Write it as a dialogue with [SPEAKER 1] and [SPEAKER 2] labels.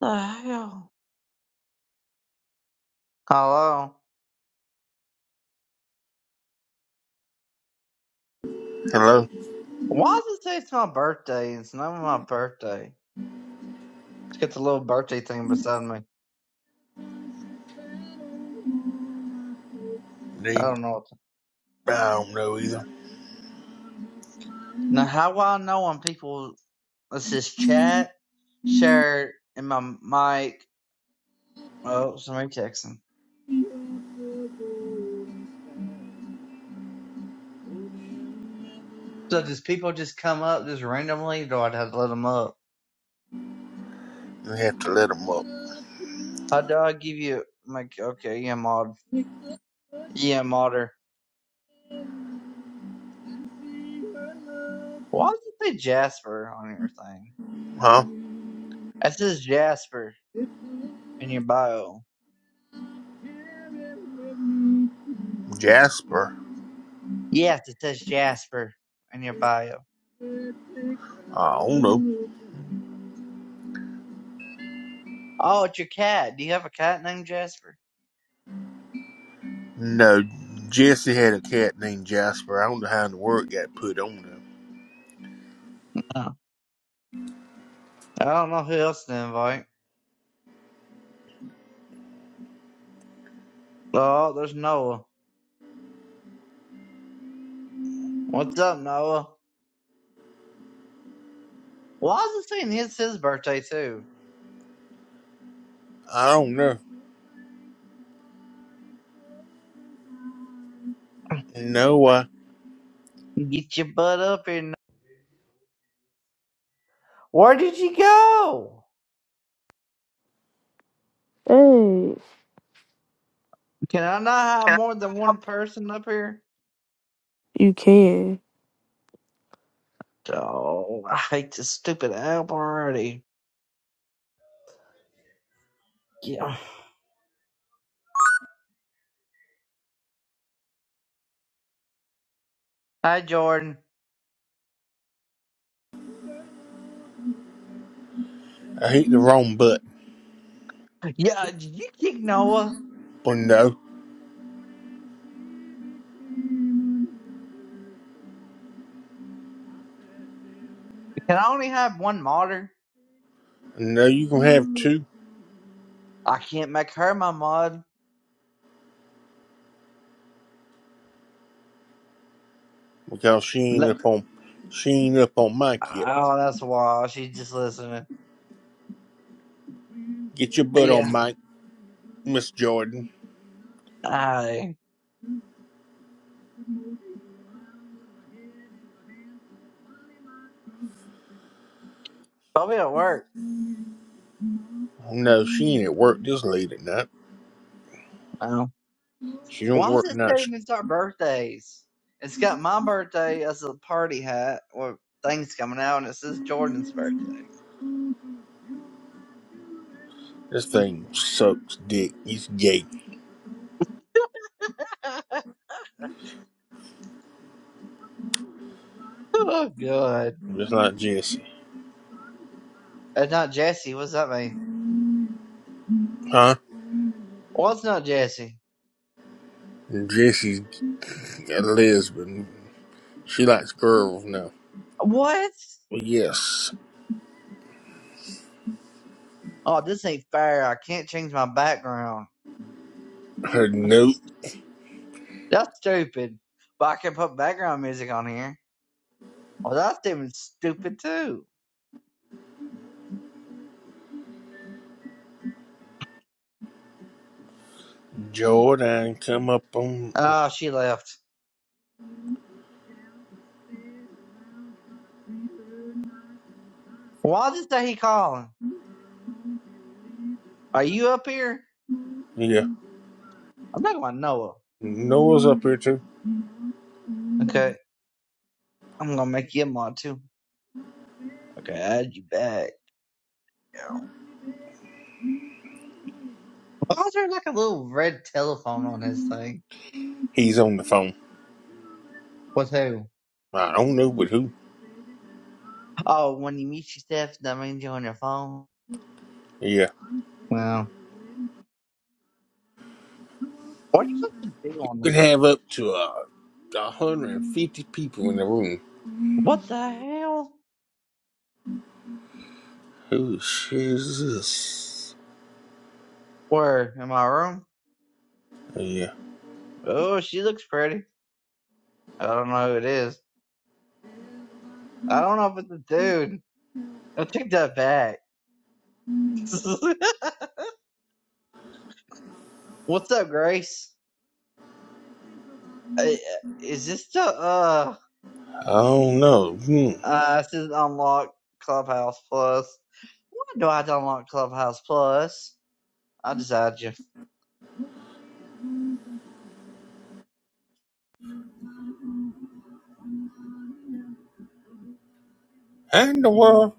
[SPEAKER 1] The hell? Hello.
[SPEAKER 2] Hello?
[SPEAKER 1] Why does it say it's my birthday? It's not my birthday. It's got the little birthday thing beside me. I
[SPEAKER 2] They,
[SPEAKER 1] don't know. what-
[SPEAKER 2] I don't know either.
[SPEAKER 1] Now, how will I know when people? Let's just chat, share, and my mic. Oh, somebody texting. So does people just come up just randomly? Do I have to let them up?
[SPEAKER 2] We have to let them up.
[SPEAKER 1] How do I give you? Like, okay, yeah, mod, yeah, modder. Why does it say Jasper on your thing?
[SPEAKER 2] Huh?
[SPEAKER 1] It says Jasper in your bio.
[SPEAKER 2] Jasper?
[SPEAKER 1] Yes, it says Jasper in your bio.
[SPEAKER 2] I don't know.
[SPEAKER 1] Oh, it's your cat. Do you have a cat named Jasper?
[SPEAKER 2] No, Jesse had a cat named Jasper. I don't know how in the word got put on him.
[SPEAKER 1] Oh. I don't know who else to invite. Oh, there's Noah. What's up, Noah? Why is it saying it's his birthday too?
[SPEAKER 2] I don't know. No, I,
[SPEAKER 1] Get your butt up here. Noah. Where did you go?
[SPEAKER 3] Hey,
[SPEAKER 1] Can I not have more than one person up here?
[SPEAKER 3] you can.
[SPEAKER 1] Oh, I hate this stupid app already. Yeah. Hi, Jordan.
[SPEAKER 2] I hit the wrong button.
[SPEAKER 1] Yeah, did you kick Noah?
[SPEAKER 2] But no,
[SPEAKER 1] Can I only have one modder?
[SPEAKER 2] no, you can have two
[SPEAKER 1] I can't make her my mod.
[SPEAKER 2] because she ain't
[SPEAKER 1] Le-
[SPEAKER 2] up on, she ain't up on Mike yet.
[SPEAKER 1] Oh, that's why she's just listening.
[SPEAKER 2] Get your butt on
[SPEAKER 1] Yeah.
[SPEAKER 2] Mike, Miss Jordan.
[SPEAKER 1] I probably at work.
[SPEAKER 2] Oh, No, she ain't at work this late at night.
[SPEAKER 1] No.
[SPEAKER 2] She don't
[SPEAKER 1] Why is
[SPEAKER 2] work
[SPEAKER 1] it
[SPEAKER 2] night. Sh-
[SPEAKER 1] saying it's our birthdays? It's got my birthday as a party hat or things coming out, and it says Jordan's birthday.
[SPEAKER 2] This thing sucks dick. It's gay.
[SPEAKER 1] oh, God.
[SPEAKER 2] Just like Jesse.
[SPEAKER 1] It's not Jesse. What's that mean?
[SPEAKER 2] Huh?
[SPEAKER 1] Well, it's not Jesse.
[SPEAKER 2] Jesse's Lisbon. She likes girls now.
[SPEAKER 1] What?
[SPEAKER 2] Well, yes.
[SPEAKER 1] Oh, this ain't fair. I can't change my background.
[SPEAKER 2] Her
[SPEAKER 1] That's,
[SPEAKER 2] note,
[SPEAKER 1] that's stupid. But I can put background music on here. Well, that's even stupid, too.
[SPEAKER 2] Jordan, come up on.
[SPEAKER 1] Oh, she left. Why does that he calling? Are you up here?
[SPEAKER 2] Yeah.
[SPEAKER 1] I'm talking about Noah.
[SPEAKER 2] Noah's up here too.
[SPEAKER 1] Okay. I'm gonna make you a mod too. Okay, add you back. now. Why is there like a little red telephone on this thing?
[SPEAKER 2] He's on the phone.
[SPEAKER 1] What's who?
[SPEAKER 2] I don't know, but who?
[SPEAKER 1] Oh, when you mute yourself, that means you're on your phone.
[SPEAKER 2] Yeah.
[SPEAKER 1] Well, what do you fucking do on
[SPEAKER 2] We could
[SPEAKER 1] this?
[SPEAKER 2] have up to uh, 150 people in the room.
[SPEAKER 1] What the hell?
[SPEAKER 2] Who is this?
[SPEAKER 1] Where? In my room?
[SPEAKER 2] Yeah.
[SPEAKER 1] Oh, she looks pretty. I don't know who it is. I don't know if it's a dude. I take that back. What's up, Grace? I- Is this the uh
[SPEAKER 2] I don't know. Hmm.
[SPEAKER 1] uh it says unlock Clubhouse Plus? Why do I have to unlock Clubhouse Plus? I just add you.
[SPEAKER 2] And the world.